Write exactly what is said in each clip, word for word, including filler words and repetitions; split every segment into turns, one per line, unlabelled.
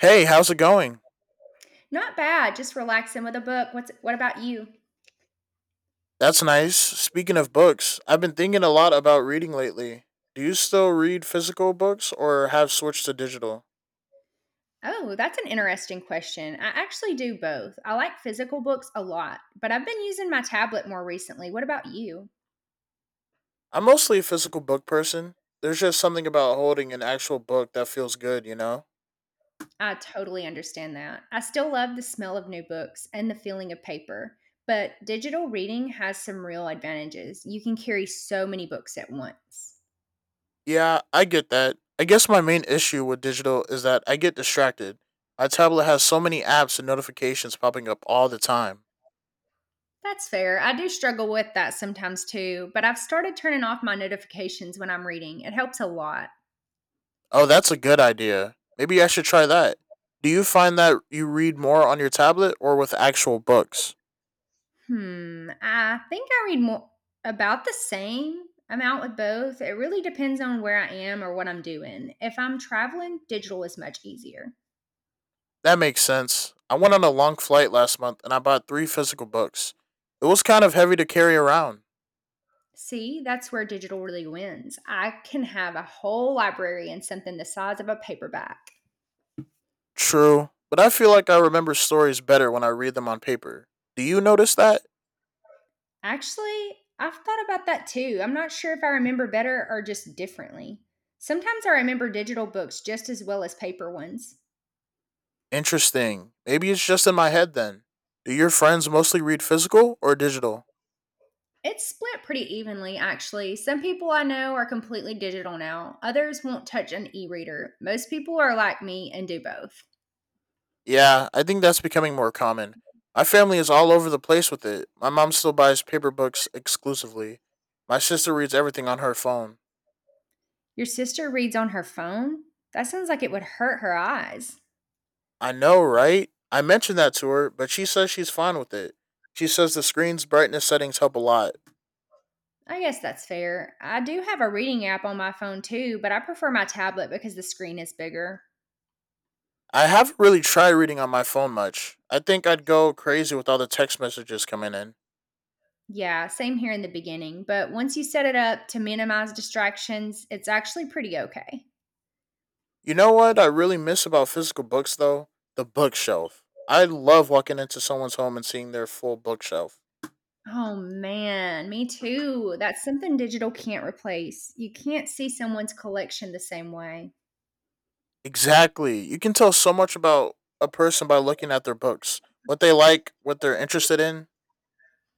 Hey, how's it going?
Not bad, just relaxing with a book. What's what about you?
That's nice. Speaking of books, I've been thinking a lot about reading lately. Do you still read physical books or have switched to digital?
Oh, that's an interesting question. I actually do both. I like physical books a lot, but I've been using my tablet more recently. What about you?
I'm mostly a physical book person. There's just something about holding an actual book that feels good, you know?
I totally understand that. I still love the smell of new books and the feeling of paper, but digital reading has some real advantages. You can carry so many books at once.
Yeah, I get that. I guess my main issue with digital is that I get distracted. My tablet has so many apps and notifications popping up all the time.
That's fair. I do struggle with that sometimes too, but I've started turning off my notifications when I'm reading. It helps a lot.
Oh, that's a good idea. Maybe I should try that. Do you find that you read more on your tablet or with actual books?
Hmm. I think I read more about the same amount with both. It really depends on where I am or what I'm doing. If I'm traveling, digital is much easier.
That makes sense. I went on a long flight last month and I bought three physical books. It was kind of heavy to carry around.
See, that's where digital really wins. I can have a whole library in something the size of a paperback.
True, but I feel like I remember stories better when I read them on paper. Do you notice that?
Actually, I've thought about that too. I'm not sure if I remember better or just differently. Sometimes I remember digital books just as well as paper ones.
Interesting. Maybe it's just in my head then. Do your friends mostly read physical or digital?
It's split pretty evenly, actually. Some people I know are completely digital now, others won't touch an e reader. Most people are like me and do both.
Yeah, I think that's becoming more common. My family is all over the place with it. My mom still buys paper books exclusively. My sister reads everything on her phone.
Your sister reads on her phone? That sounds like it would hurt her eyes.
I know, right? I mentioned that to her, but she says she's fine with it. She says the screen's brightness settings help a lot.
I guess that's fair. I do have a reading app on my phone too, but I prefer my tablet because the screen is bigger.
I haven't really tried reading on my phone much. I think I'd go crazy with all the text messages coming in.
Yeah, same here in the beginning, but once you set it up to minimize distractions, it's actually pretty okay.
You know what I really miss about physical books, though? The bookshelf. I love walking into someone's home and seeing their full bookshelf.
Oh man, me too. That's something digital can't replace. You can't see someone's collection the same way.
Exactly. You can tell so much about a person by looking at their books, what they like, what they're interested in.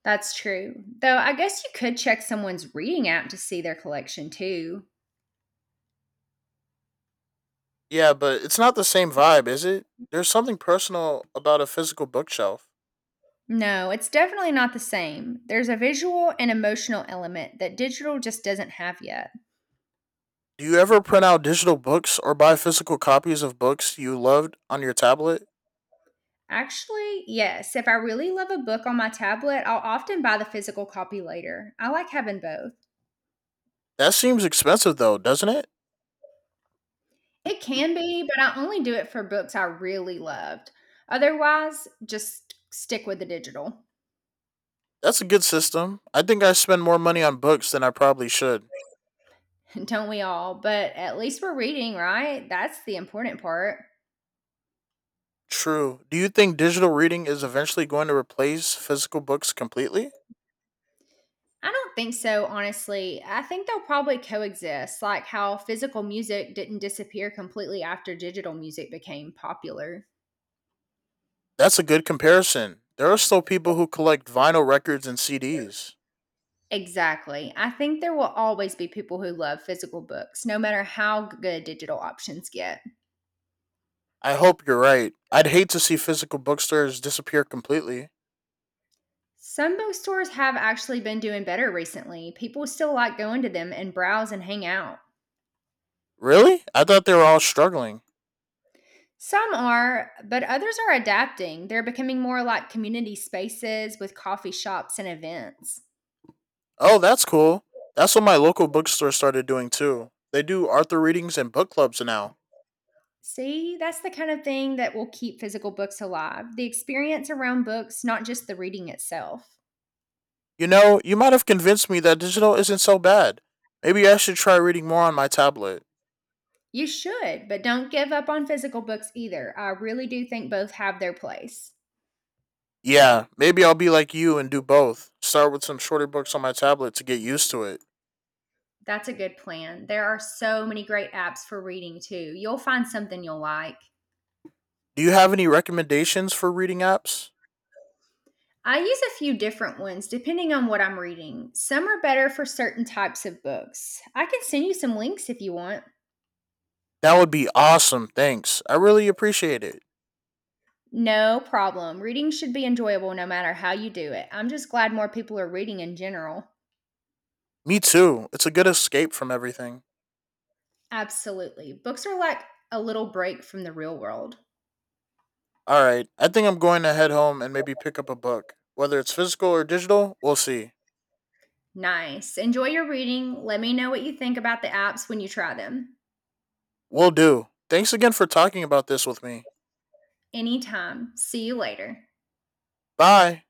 That's true. Though I guess you could check someone's reading app to see their collection too.
Yeah, but it's not the same vibe, is it? There's something personal about a physical bookshelf.
No, it's definitely not the same. There's a visual and emotional element that digital just doesn't have yet.
Do you ever print out digital books or buy physical copies of books you loved on your tablet?
Actually, yes. If I really love a book on my tablet, I'll often buy the physical copy later. I like having both.
That seems expensive though, doesn't it?
It can be, but I only do it for books I really loved. Otherwise, just stick with the digital.
That's a good system. I think I spend more money on books than I probably should.
Don't we all? But at least we're reading, right? That's the important part.
True. Do you think digital reading is eventually going to replace physical books completely?
I don't think so, honestly. I think they'll probably coexist, like how physical music didn't disappear completely after digital music became popular.
That's a good comparison. There are still people who collect vinyl records and C Ds.
Exactly. I think there will always be people who love physical books, no matter how good digital options get.
I hope you're right. I'd hate to see physical bookstores disappear completely.
Some bookstores have actually been doing better recently. People still like going to them and browse and hang out.
Really? I thought they were all struggling.
Some are, but others are adapting. They're becoming more like community spaces with coffee shops and events.
Oh, that's cool. That's what my local bookstore started doing too. They do Arthur readings and book clubs now.
See, that's the kind of thing that will keep physical books alive, the experience around books, not just the reading itself.
You know, you might have convinced me that digital isn't so bad. Maybe I should try reading more on my tablet.
You should, but don't give up on physical books either. I really do think both have their place.
Yeah, maybe I'll be like you and do both. Start with some shorter books on my tablet to get used to it.
That's a good plan. There are so many great apps for reading too. You'll find something you'll like.
Do you have any recommendations for reading apps?
I use a few different ones depending on what I'm reading. Some are better for certain types of books. I can send you some links if you want.
That would be awesome, thanks. I really appreciate it.
No problem. Reading should be enjoyable no matter how you do it. I'm just glad more people are reading in general.
Me too. It's a good escape from everything.
Absolutely. Books are like a little break from the real world.
All right, I think I'm going to head home and maybe pick up a book. Whether it's physical or digital, we'll see.
Nice. Enjoy your reading. Let me know what you think about the apps when you try them.
Will do. Thanks again for talking about this with me.
Anytime. See you later.
Bye.